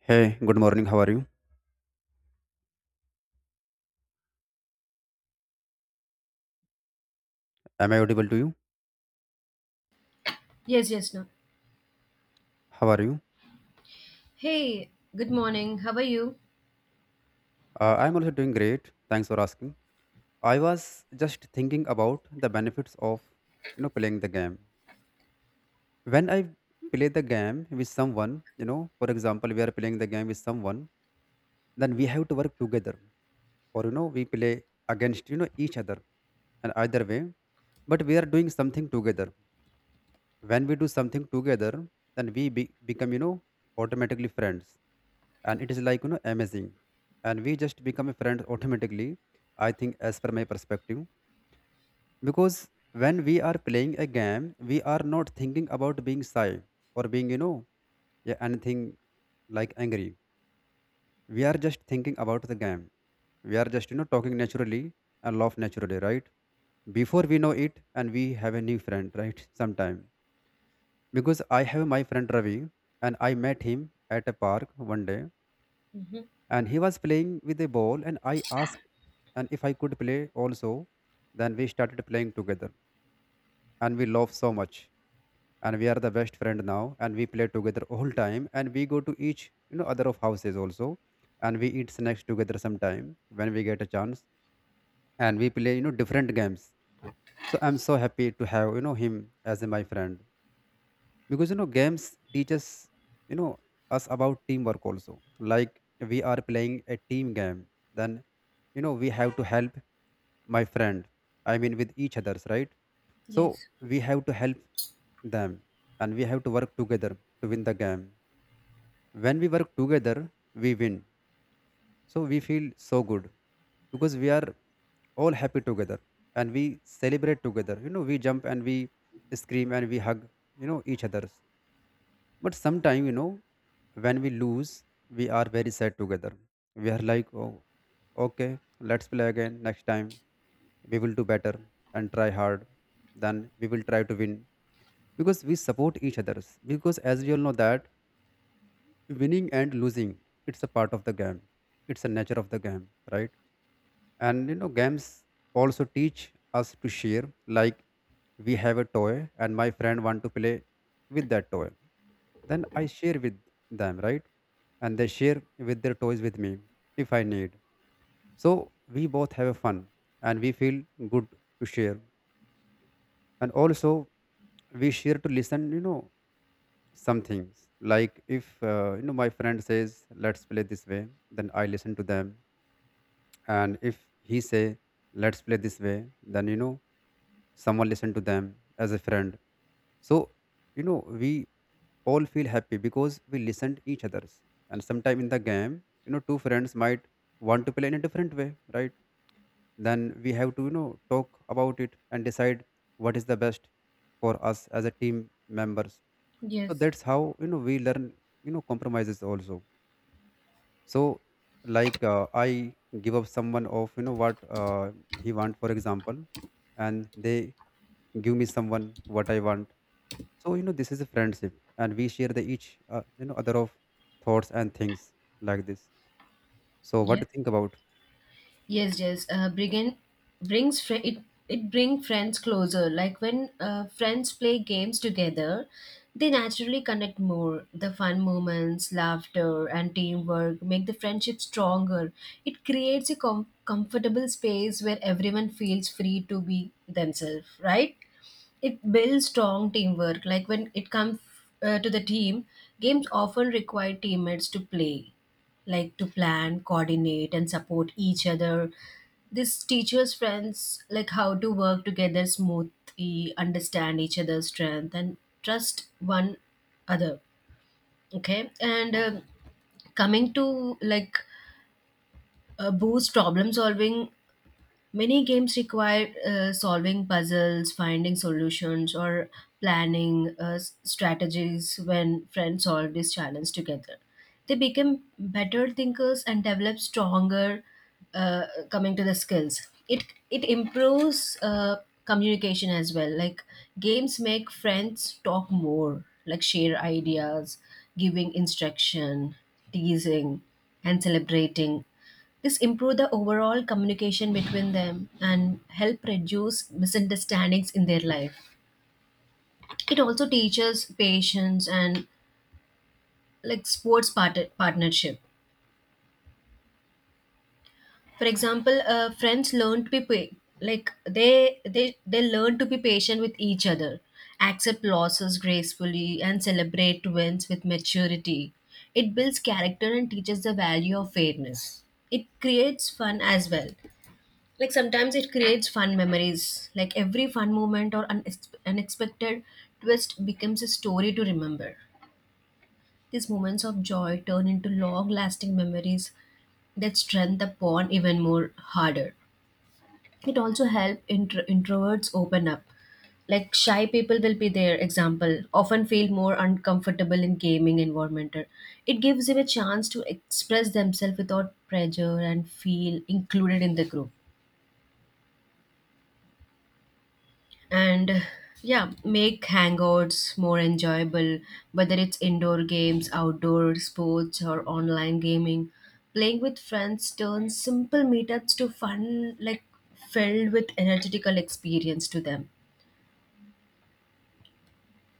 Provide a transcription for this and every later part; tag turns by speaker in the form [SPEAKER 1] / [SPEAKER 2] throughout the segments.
[SPEAKER 1] Hey, good morning. How are you? Am I audible to you?
[SPEAKER 2] Yes, yes, no.
[SPEAKER 1] How are you?
[SPEAKER 2] Hey, good morning. How are you?
[SPEAKER 1] I'm also doing great. Thanks for asking. I was just thinking about the benefits of playing the game. When I play the game with someone, for example, we are playing the game with someone, then we have to work together, or we play against each other, and either way, but we are doing something together. When we do something together then we become automatically friends, and it is like amazing, and we just become a friend automatically, I think, as per my perspective. Because when we are playing a game, we are not thinking about being shy or being yeah, anything like angry. We are just thinking about the game. We are just talking naturally and laugh naturally, right? Before we know it, and we have a new friend, right? Sometime, because I have my friend Ravi, and I met him at a park one day,
[SPEAKER 2] Hmm.
[SPEAKER 1] and he was playing with a ball, and I asked and if I could play also. Then we started playing together, and we love so much, and we are the best friend now, and we play together all time, and we go to each other of houses also, and we eat snacks together sometime when we get a chance, and we play different games. So I'm so happy to have him as my friend, because games teaches, you know us about teamwork also. Like we are playing a team game, then we have to help my friend, I mean, with each others, right? So
[SPEAKER 2] Yes.
[SPEAKER 1] we have to help them, and we have to work together to win the game. When we work together, we win, so we feel so good, because we are all happy together, and we celebrate together. We jump, and we scream, and we hug each other. But sometime, when we lose, we are very sad together. We are like, oh, okay, let's play again next time. We will do better and try hard. Then we will try to win, because we support each others. Because as we all know that winning and losing, it's a part of the game. It's a nature of the game, right? And games also teach us to share. Like we have a toy and my friend want to play with that toy, then I share with them, right? And they share with their toys with me if I need. So we both have a fun, and we feel good to share. And also we share to listen, some things. Like if my friend says let's play this way, then I listen to them. And if he say let's play this way, then someone listen to them as a friend. So we all feel happy because we listen to each others. And sometime in the game, two friends might want to play in a different way, right? Then we have to talk about it and decide what is the best for us as a team members. So
[SPEAKER 2] Yes,
[SPEAKER 1] that's how we learn compromises also. So like I give up someone of what he want, for example, and they give me someone what I want. So this is a friendship, and we share the each other of thoughts and things like this. So what
[SPEAKER 2] yes.
[SPEAKER 1] to think about?
[SPEAKER 2] Yes, yes. Bringing brings fri it it bring friends closer. Like when friends play games together, they naturally connect more. The fun moments, laughter, and teamwork make the friendship stronger. It creates a comfortable space where everyone feels free to be themselves, right? It builds strong teamwork. Like when it comes to the team, games often require teammates to play, like to plan, coordinate, and support each other. This teaches friends like how to work together smoothly, understand each other's strength, and trust one other. Okay, and coming to, like, boost problem solving. Many games require solving puzzles, finding solutions, or planning strategies when friends solve this challenge together. They become better thinkers and develop stronger, uh, coming to the skills. It it improves, communication as well. Like games make friends talk more, like share ideas, giving instruction, teasing, and celebrating. This improve the overall communication between them and help reduce misunderstandings in their life. It also teaches patience and like sports partnership. For example, friends learn to be like they learn to be patient with each other, accept losses gracefully, and celebrate wins with maturity. It builds character and teaches the value of fairness. It creates fun as well. Like sometimes it creates fun memories, like every fun moment or unexpected twist becomes a story to remember. These moments of joy turn into long lasting memories that strengthen the bond even more harder. It also helps introverts open up, like shy people will be their example, often feel more uncomfortable in gaming environment. It gives them a chance to express themselves without pressure and feel included in the group. And yeah, make hangouts more enjoyable, whether it's indoor games, outdoor sports, or online gaming. Playing with friends turns simple meetups to fun, like filled with energetical experience to them.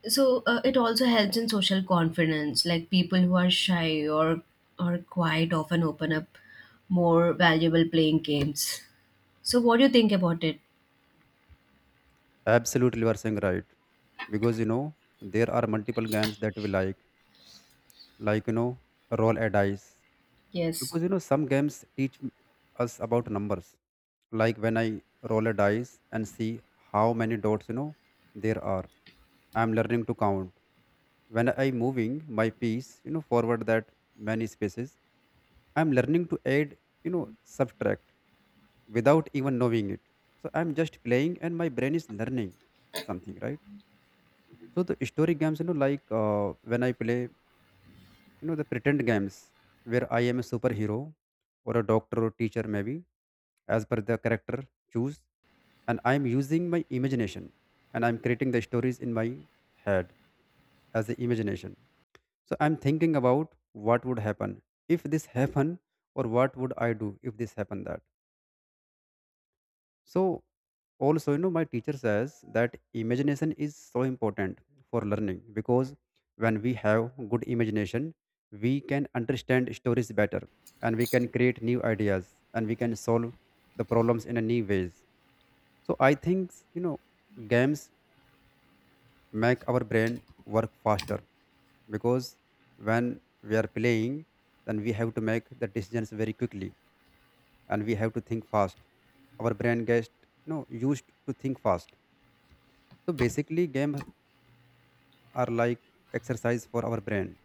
[SPEAKER 2] So it also helps in social confidence, like people who are shy or quiet often open up more valuable playing games. So what do you think about it?
[SPEAKER 1] Absolutely, you are saying right. Because there are multiple games that we like, like roll a dice.
[SPEAKER 2] Yes.
[SPEAKER 1] Because some games teach us about numbers. Like when I roll a dice and see how many dots there are, I'm learning to count. When I moving my piece, forward that many spaces, I'm learning to add, subtract, without even knowing it. So I'm just playing and my brain is learning something, right? So the story games, like when I play the pretend games where I am a superhero, or a doctor or teacher maybe, as per the character choose. And I'm using my imagination, and I'm creating the stories in my head as the imagination. So I'm thinking about what would happen if this happen, or what would I do if this happen that. So also my teacher says that imagination is so important for learning, because when we have good imagination, we can understand stories better, and we can create new ideas, and we can solve the problems in a new ways. So I think games make our brain work faster, because when we are playing, then we have to make the decisions very quickly, and we have to think fast. Our brain gets used to think fast. So basically games are like exercise for our brain,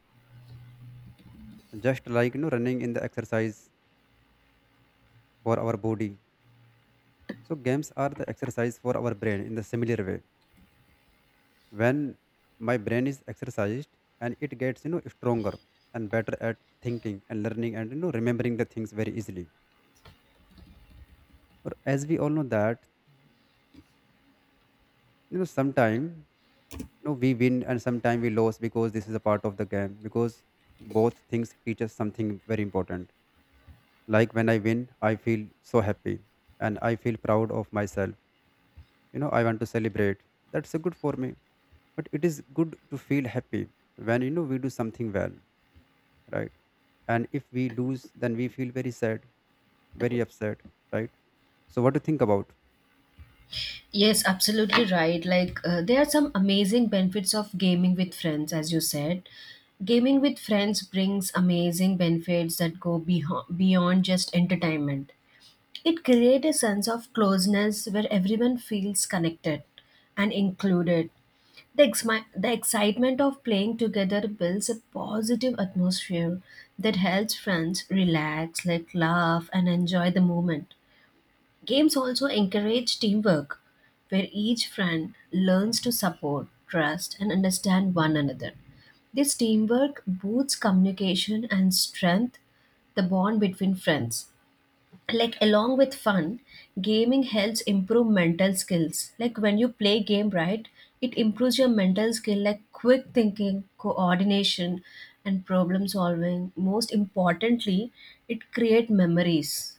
[SPEAKER 1] just like running in the exercise for our body. So games are the exercise for our brain in the similar way. When my brain is exercised, and it gets stronger and better at thinking and learning and remembering the things very easily. Or as we all know that sometime we win, and sometime we lose, because this is a part of the game. Because both things teach us something very important. Like when I win, I feel so happy, and I feel proud of myself. I want to celebrate. That's a good for me. But it is good to feel happy when we do something well, right? And if we lose, then we feel very sad, very upset, right? So what do you think about?
[SPEAKER 2] Yes, absolutely right. Like, there are some amazing benefits of gaming with friends, as you said. Gaming with friends brings amazing benefits that go beyond just entertainment. It creates a sense of closeness where everyone feels connected and included. The excitement of playing together builds a positive atmosphere that helps friends relax, like laugh, and enjoy the moment. Games also encourage teamwork, where each friend learns to support, trust, and understand one another. This teamwork boosts communication and strength the bond between friends. Like along with fun, gaming helps improve mental skills. Like when you play game, right, it improves your mental skill like quick thinking, coordination, and problem solving. Most importantly, it creates memories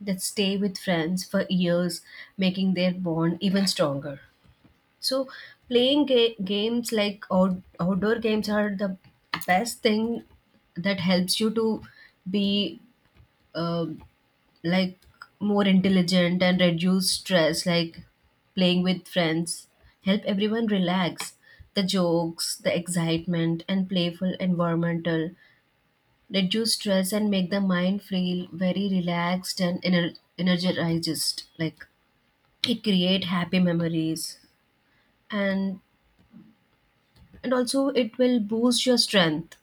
[SPEAKER 2] that stay with friends for years, making their bond even stronger. So, playing games, like outdoor games, are the best thing that helps you to be, uh, like, more intelligent and reduce stress. Like playing with friends help everyone relax. The jokes, the excitement, and playful environmental reduce stress and make the mind feel very relaxed and energized. Like it create happy memories, and and also it will boost your strength,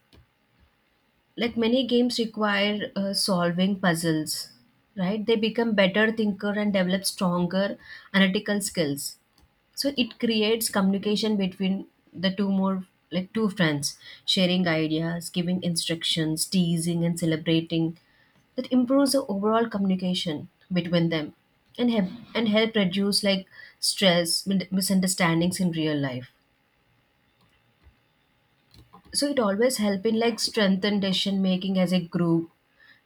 [SPEAKER 2] like many games require solving puzzles, right? They become better thinker and develop stronger analytical skills. So it creates communication between the two more, like two friends sharing ideas, giving instructions, teasing, and celebrating. That improves the overall communication between them and help and help reduce like stress, misunderstandings in real life. So it always help in like strengthen decision making as a group,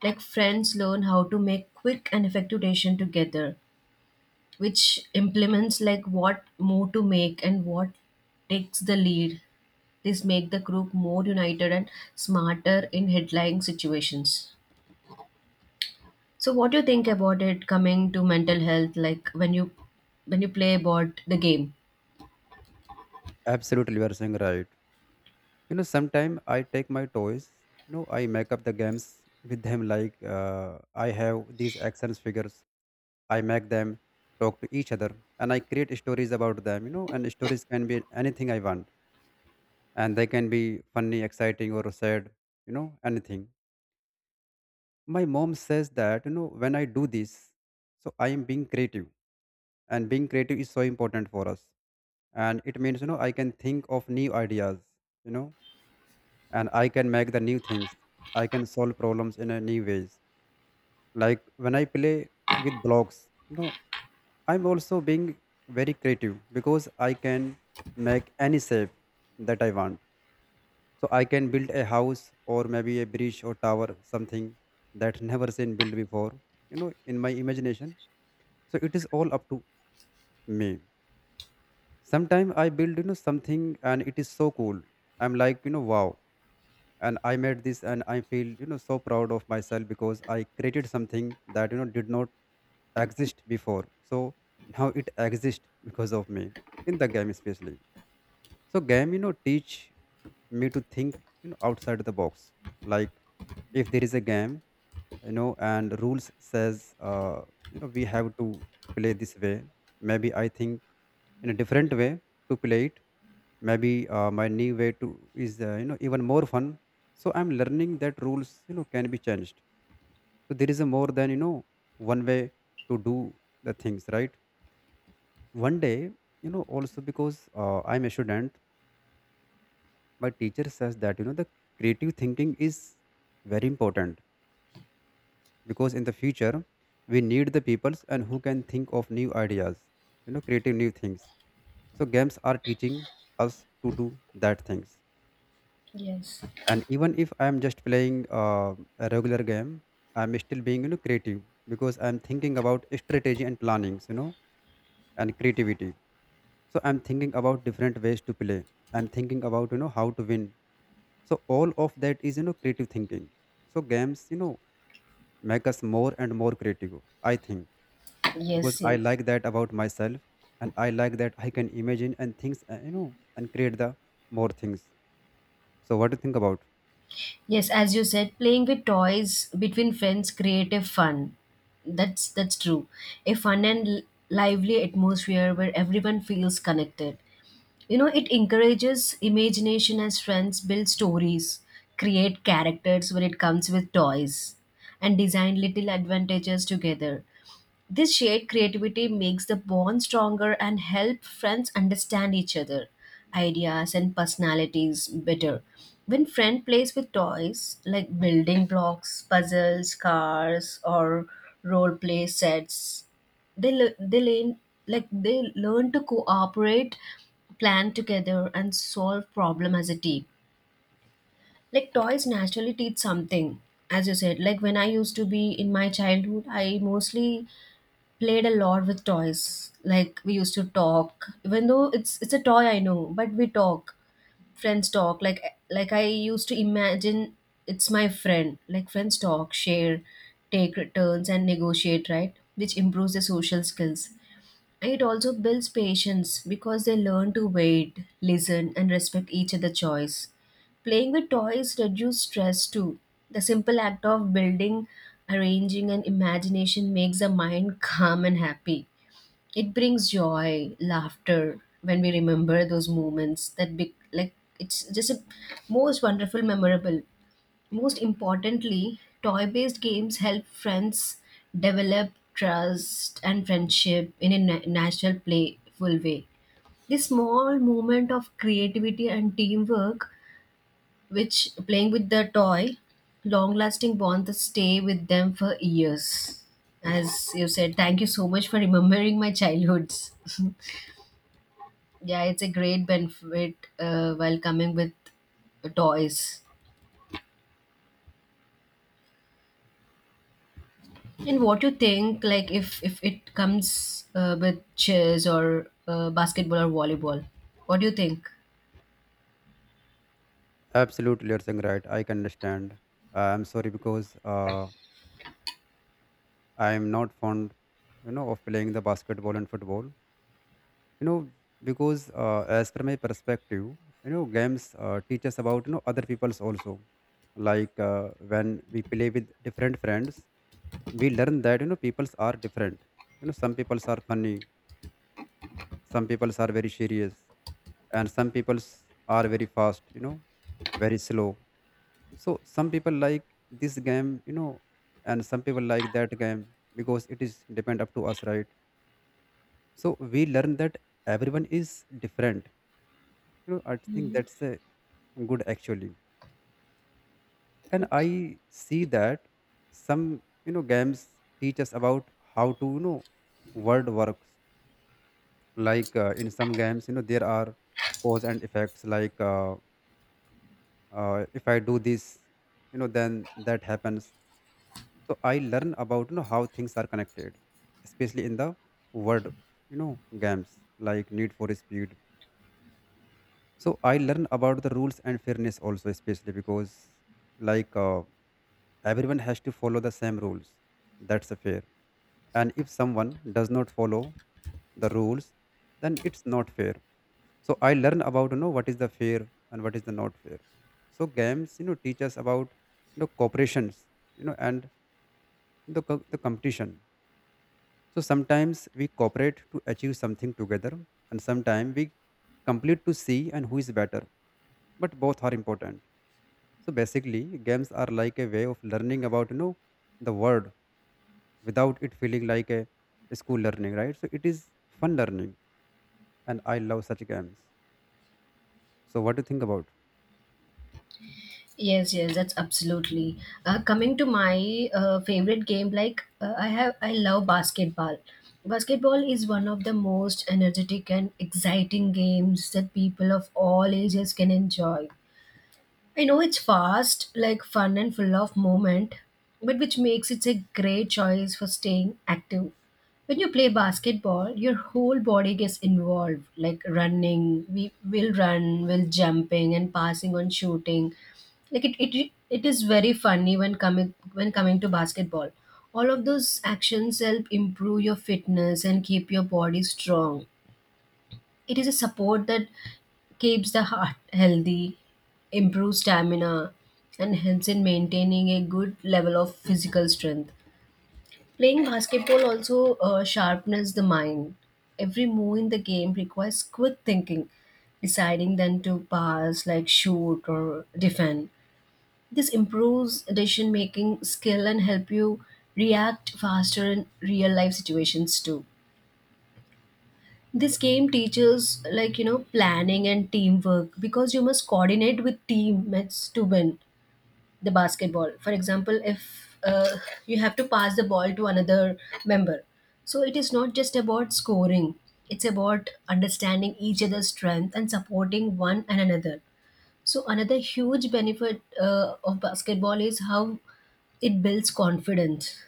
[SPEAKER 2] like friends learn how to make quick and effective decision together, which implements like what move to make and what takes the lead. This make the group more united and smarter in headline situations. So what do you think about it, coming to mental health, like when you play about the game?
[SPEAKER 1] Absolutely, you are saying right. You know, sometimes I take my toys. You know, I make up the games with them. Like I have these actions figures. I make them talk to each other, and I create stories about them. You know, and stories can be anything I want, and they can be funny, exciting, or sad. You know, anything. My mom says that when I do this, so I am being creative. And being creative is so important for us, and it means I can think of new ideas, you know and I can make the new things. I can solve problems in a new ways. Like when I play with blocks, I'm also being very creative, because I can make any shape that I want. So I can build a house, or maybe a bridge or tower, something that never seen built before, in my imagination. So it is all up to me. Sometimes I build, something, and it is so cool. I'm like, wow. And I made this, and I feel, so proud of myself, because I created something that, did not exist before. So now it exists because of me, in the game, especially. So game, teach me to think, outside the box. Like if there is a game, and rules says, we have to play this way. Maybe I think in a different way to play it. Maybe my new way to is even more fun. So I'm learning that rules can be changed. So there is a more than one way to do the things, right? One day also, because I'm a student, my teacher says that the creative thinking is very important, because in the future, we need the peoples and who can think of new ideas, creative new things. So games are teaching us to do that things.
[SPEAKER 2] Yes.
[SPEAKER 1] And even if I'm just playing a regular game, I'm still being creative, because I'm thinking about strategy and plannings, and creativity. So I'm thinking about different ways to play. I'm thinking about how to win. So all of that is creative thinking. So games, make us more and more creative, I think. Because
[SPEAKER 2] Yes,
[SPEAKER 1] I
[SPEAKER 2] yes.
[SPEAKER 1] like that about myself, and I like that I can imagine and things, and create the more things. So what do you think about?
[SPEAKER 2] Yes, as you said, playing with toys between friends creative fun. That's true. A fun and lively atmosphere where everyone feels connected. You know, it encourages imagination as friends build stories, create characters when it comes with toys, and design little advantages together. This shared creativity makes the bond stronger and help friends understand each other, ideas and personalities better. When friend plays with toys like building blocks, puzzles, cars, or role play sets, they learn, like they learn to cooperate, plan together, and solve problem as a team. Like toys naturally teach something, as you said. Like when I used to be in my childhood, I mostly played a lot with toys. Like we used to talk, even though it's a toy, I know, but we talk. Friends talk. Like I used to imagine it's my friend. Like friends talk, share, take turns, and negotiate. Right, which improves the social skills. It also builds patience because they learn to wait, listen, and respect each other's choice. Playing with toys reduces stress too. The simple act of building, arranging, and imagination makes the mind calm and happy. It brings joy, laughter when we remember those moments, that be like it's just a most wonderful, memorable. Most importantly, toy based games help friends develop trust and friendship in a natural, playful way. This small moment of creativity and teamwork, which playing with the toy, long lasting bonds that stay with them for years. As you said, thank you so much for remembering my childhoods. Yeah, it's a great benefit while coming with toys. And what you think, like if it comes with chess or basketball or volleyball, what do you think?
[SPEAKER 1] Absolutely, you're saying right. I can understand. I'm sorry, because I'm not fond, of playing the basketball and football. You know, because as per my perspective, games teach us about other people's also. Like when we play with different friends, we learn that people's are different. You know, some people's are funny, some people's are very serious, and some people's are very fast. You know, very slow. So some people like this game, you know, and some people like that game because it is depend up to us, right? So we learn that everyone is different. You know, I think that's a good actually. And I see that some, you know, games teach us about how to, you know, word works. Like in some games, you know, there are cause and effects. Like if I do this, you know, then that happens, so I learn about, you know, how things are connected, especially in the word, you know, games like Need for Speed. So I learn about the rules and fairness also, especially because like uh, everyone has to follow the same rules. That's a fair, and if someone does not follow the rules, then it's not fair. So I learn about, you know, what is the fair and what is the not fair. So games, you know, teach us about, you know, cooperations, you know, and the competition. So sometimes we cooperate to achieve something together, and sometimes we complete to see and who is better. But both are important. So basically, games are like a way of learning about, you know, the world without it feeling like a school learning, right? So it is fun learning, and I love such games. So what do you think about?
[SPEAKER 2] Yes, yes, that's absolutely. Coming to my favorite game, like, I love basketball. Basketball is one of the most energetic and exciting games that people of all ages can enjoy. I know it's fast, like fun and full of movement, but which makes it a great choice for staying active. When you play basketball, your whole body gets involved, like running, we will run, will jumping and passing on shooting. Like it is very funny when coming to basketball. All of those actions help improve your fitness and keep your body strong. It is a support that keeps the heart healthy, improves stamina, and helps in maintaining a good level of physical strength. Playing basketball also sharpens the mind. Every move in the game requires quick thinking, deciding then to pass, like shoot or defend. This improves decision making skill and help you react faster in real life situations too. This game teaches like, you know, planning and teamwork, because you must coordinate with teammates to win the basketball. For example, if you have to pass the ball to another member, so it is not just about scoring, it's about understanding each other's strength and supporting one and another. So another huge benefit of basketball is how it builds confidence.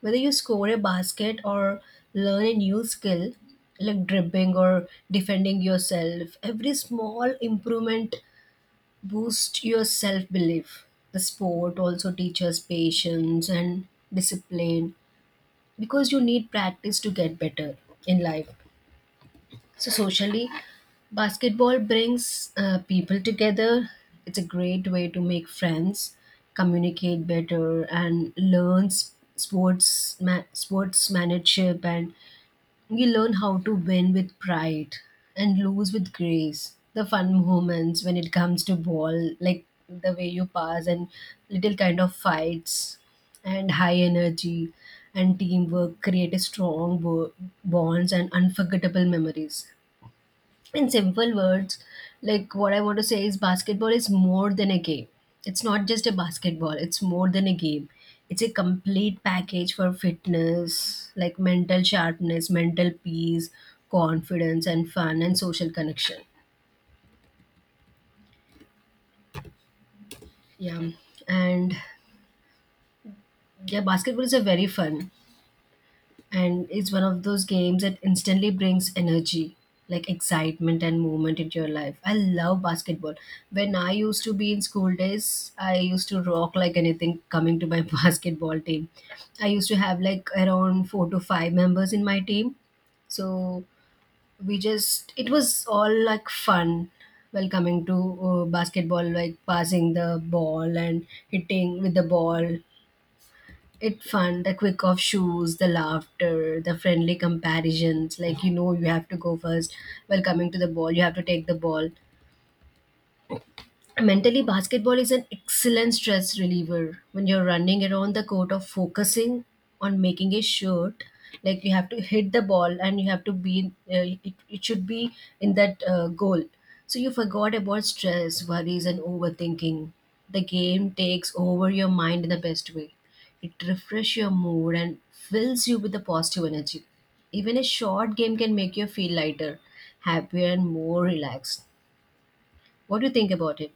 [SPEAKER 2] Whether you score a basket or learn a new skill, like dribbling or defending yourself, every small improvement boosts your self belief. The sport also teaches patience and discipline, because you need practice to get better in life. So socially, basketball brings people together. It's a great way to make friends, communicate better, and learn sports sportsmanship. And you learn how to win with pride and lose with grace. The fun moments when it comes to ball, like the way you pass and little kind of fights and high energy and teamwork create a strong bonds and unforgettable memories. In simple words, like what I want to say is basketball is more than a game. It's not just a basketball, it's more than a game. It's a complete package for fitness, like mental sharpness, mental peace, confidence, and fun and social connection. Yeah. And yeah, basketball is a very fun. And it's one of those games that instantly brings energy, like excitement and movement into your life. I love basketball. When I used to be in school days, I used to rock like anything coming to my basketball team. I used to have like around 4 to 5 members in my team. So we just, it was all like fun while coming to basketball, like passing the ball and hitting with the ball. It fun, the quick off shoes, the laughter, the friendly comparisons, like you have to go first while coming to the ball, you have to take the ball. Mentally, basketball is an excellent stress reliever. When you're running around the court or focusing on making a shot, like you have to hit the ball and you have to be it should be in that goal. So you forgot about stress, worries, and overthinking. The game takes over your mind in the best way. It refreshes your mood and fills you with the positive energy. Even a short game can make you feel lighter, happier, and more relaxed. What do you think about it?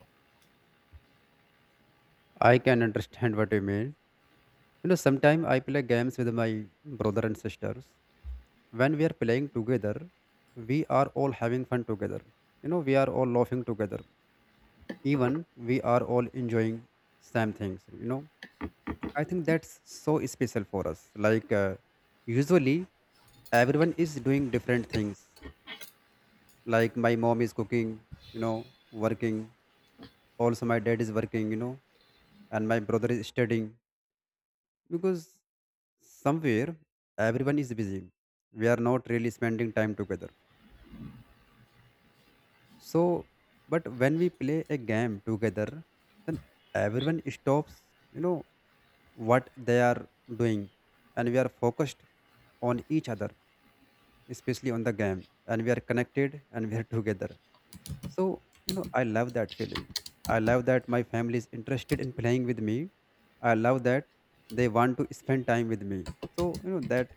[SPEAKER 1] I can understand what you mean. You know, sometimes I play games with my brother and sisters. When we are playing together, we are all having fun together. You know, we are all laughing together, even we are all enjoying same things, you know. I think that's so special for us. Like usually everyone is doing different things, like my mom is cooking, you know, working. Also my dad is working, you know, and my brother is studying. Because somewhere everyone is busy, we are not really spending time together. So but when we play a game together, then everyone stops, you know, what they are doing, and we are focused on each other, especially on the game, and we are connected and we are together. So you know, I love that feeling. I love that my family is interested in playing with me. I love that they want to spend time with me. So you know that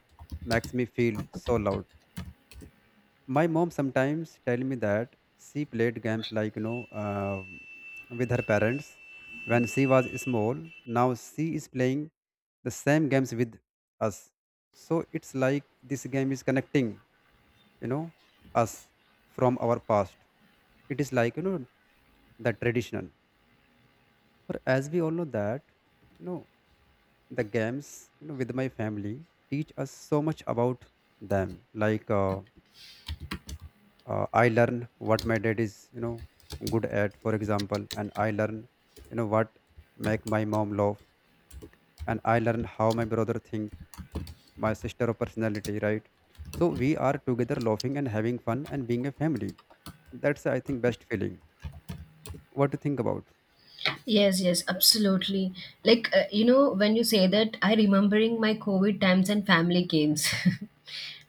[SPEAKER 1] makes me feel so loved. My mom sometimes tell me that she played games like, you know, with her parents when she was small. Now she is playing the same games with us. So it's like this game is connecting, you know, us from our past. It is like, you know, the traditional, or as we all know that, you know, the games, you know, with my family teach us so much about them. Like I learn what my dad is, you know, good at, for example, and I learn, you know, what make my mom love, and I learn how my brother think, my sister of personality, right? So we are together laughing and having fun and being a family. That's, I think, best feeling. What do you think about?
[SPEAKER 2] Yes, yes, absolutely. Like, when you say that, I remembering my COVID times and family games.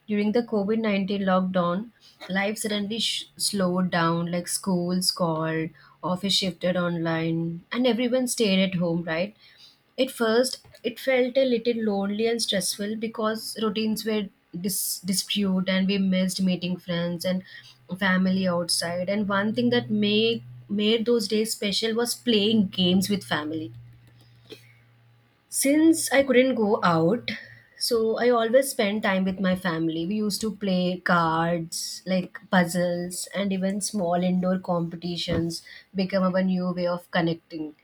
[SPEAKER 2] During the COVID 19 lockdown, life suddenly slowed down, like schools called, office shifted online, and everyone stayed at home, right? At first, it felt a little lonely and stressful because routines were dispute and we missed meeting friends and family outside. And one thing that made those days special was playing games with family. Since I couldn't go out, so I always spent time with my family. We used to play cards, like puzzles, and even small indoor competitions become our new way of connecting.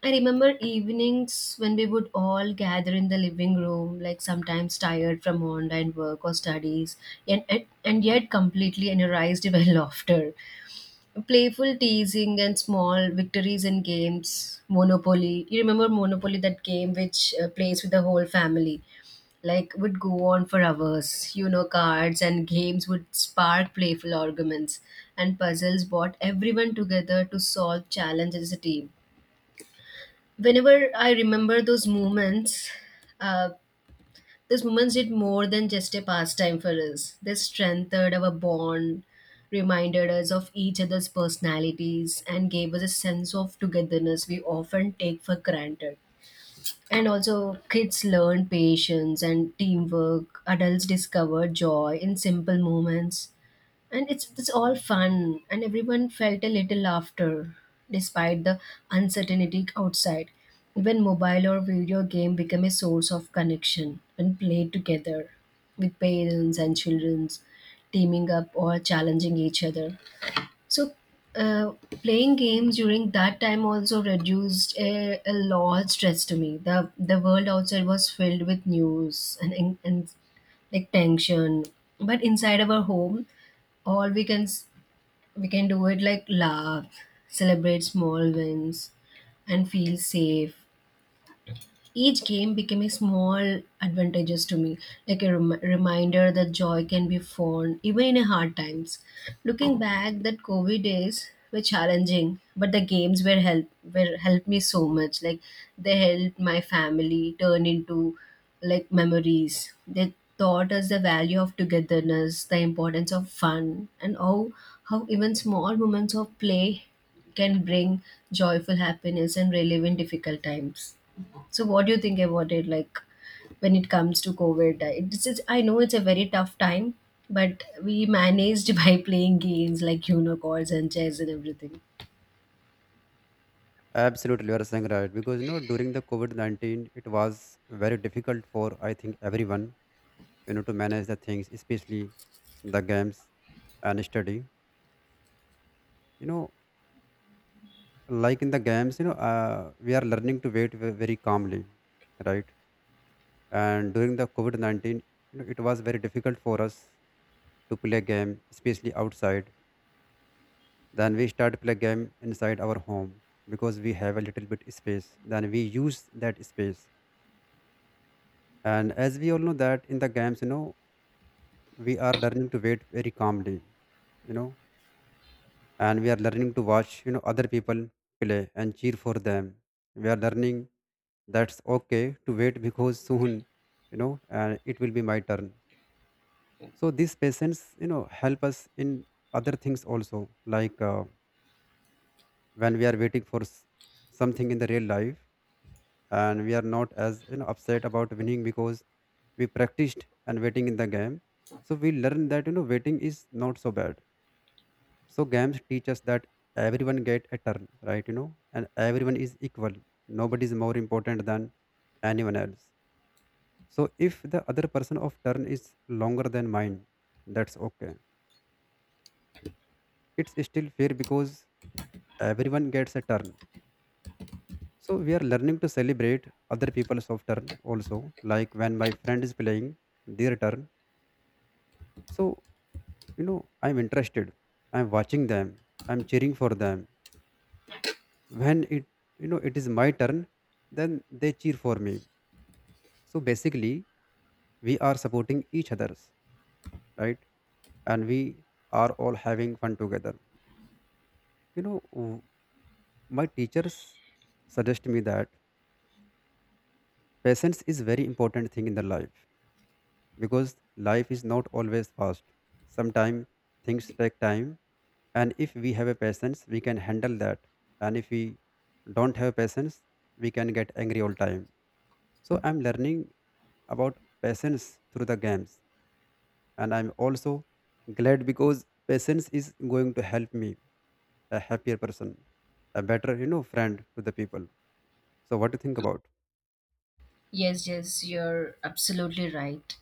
[SPEAKER 2] I remember evenings when we would all gather in the living room, like sometimes tired from online work or studies, and yet completely energized by laughter. Playful teasing and small victories in games. Monopoly. You remember Monopoly, that game which plays with the whole family? Like, would go on for hours. You know, cards and games would spark playful arguments, and puzzles brought everyone together to solve challenges as a team. Whenever I remember uh, those moments did more than just a pastime for us. They strengthened our bond, reminded us of each other's personalities, and gave us a sense of togetherness we often take for granted. And also, kids learn patience and teamwork. Adults discover joy in simple moments, and it's all fun and everyone felt a little laughter despite the uncertainty outside. Even mobile or video game became a source of connection when played together, with parents and children teaming up or challenging each other. So, uh, playing games during that time also reduced a lot stress to me. The world outside was filled with news and like tension, but inside our home, all we can s- we can do it, like laugh, celebrate small wins, and feel safe. Each game became a small advantages to me, like a reminder that joy can be found even in a hard times. Looking back, that COVID days were challenging, but the games were help were helped me so much. Like, they helped my family turn into like memories. They taught us the value of togetherness, the importance of fun, and how even small moments of play can bring joyful happiness and relief in difficult times. So, what do you think about it? Like, when it comes to COVID, I know it's a very tough time, but we managed by playing games like unicorns and chess and everything.
[SPEAKER 1] Absolutely, you are saying right because, you know, during the covid-19 it was very difficult for, I think, everyone, you know, to manage the things, especially the games and study, you know. Like in the games, you know, we are learning to wait very calmly, right? And during the covid-19, you know, it was very difficult for us to play game, especially outside. Then we start play game inside our home, because we have a little bit space, then we use that space. And as we all know that in the games, you know, we are learning to wait very calmly, you know. And we are learning to watch, you know, other people play and cheer for them. We are learning that's okay to wait because soon, you know, and it will be my turn. So these patience, you know, help us in other things also. Like when we are waiting for something in the real life, and we are not as, you know, upset about winning because we practiced and waiting in the game. So we learn that, you know, waiting is not so bad. So games teach us that everyone get a turn, right? You know, and everyone is equal. Nobody is more important than anyone else. So if the other person of turn is longer than mine, that's okay. It's still fair because everyone gets a turn. So we are learning to celebrate other people's of turn also. Like when my friend is playing their turn, so you know, I'm interested. I'm watching them. I'm cheering for them. When it, you know, it is my turn, then they cheer for me. So basically we are supporting each others, right? And we are all having fun together, you know. My teachers suggest me that patience is very important thing in the life, because life is not always fast. Sometimes things take time, and if we have a patience, we can handle that. And if we don't have patience, we can get angry all time. So I'm learning about patience through the games. And I'm also glad because patience is going to help me a happier person, a better, you know, friend to the people. So what do you think about?
[SPEAKER 2] Yes, yes, you're absolutely right.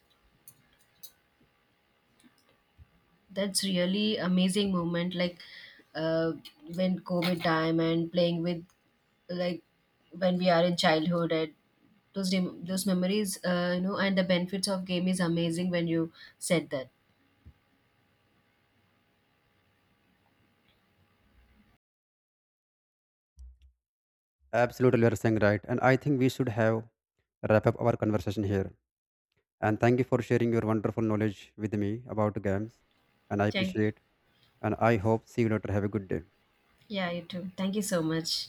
[SPEAKER 2] That's really amazing moment. Like, uh, when COVID time and playing with, like, when we are in childhood and those memories, and the benefits of game is amazing when you said that.
[SPEAKER 1] Absolutely, you are saying right. And I think we should have wrap up our conversation here. And thank you for sharing your wonderful knowledge with me about games. And I
[SPEAKER 2] Thank.
[SPEAKER 1] appreciate. And I hope see you later. Have a good day.
[SPEAKER 2] Yeah, you too. Thank you so much.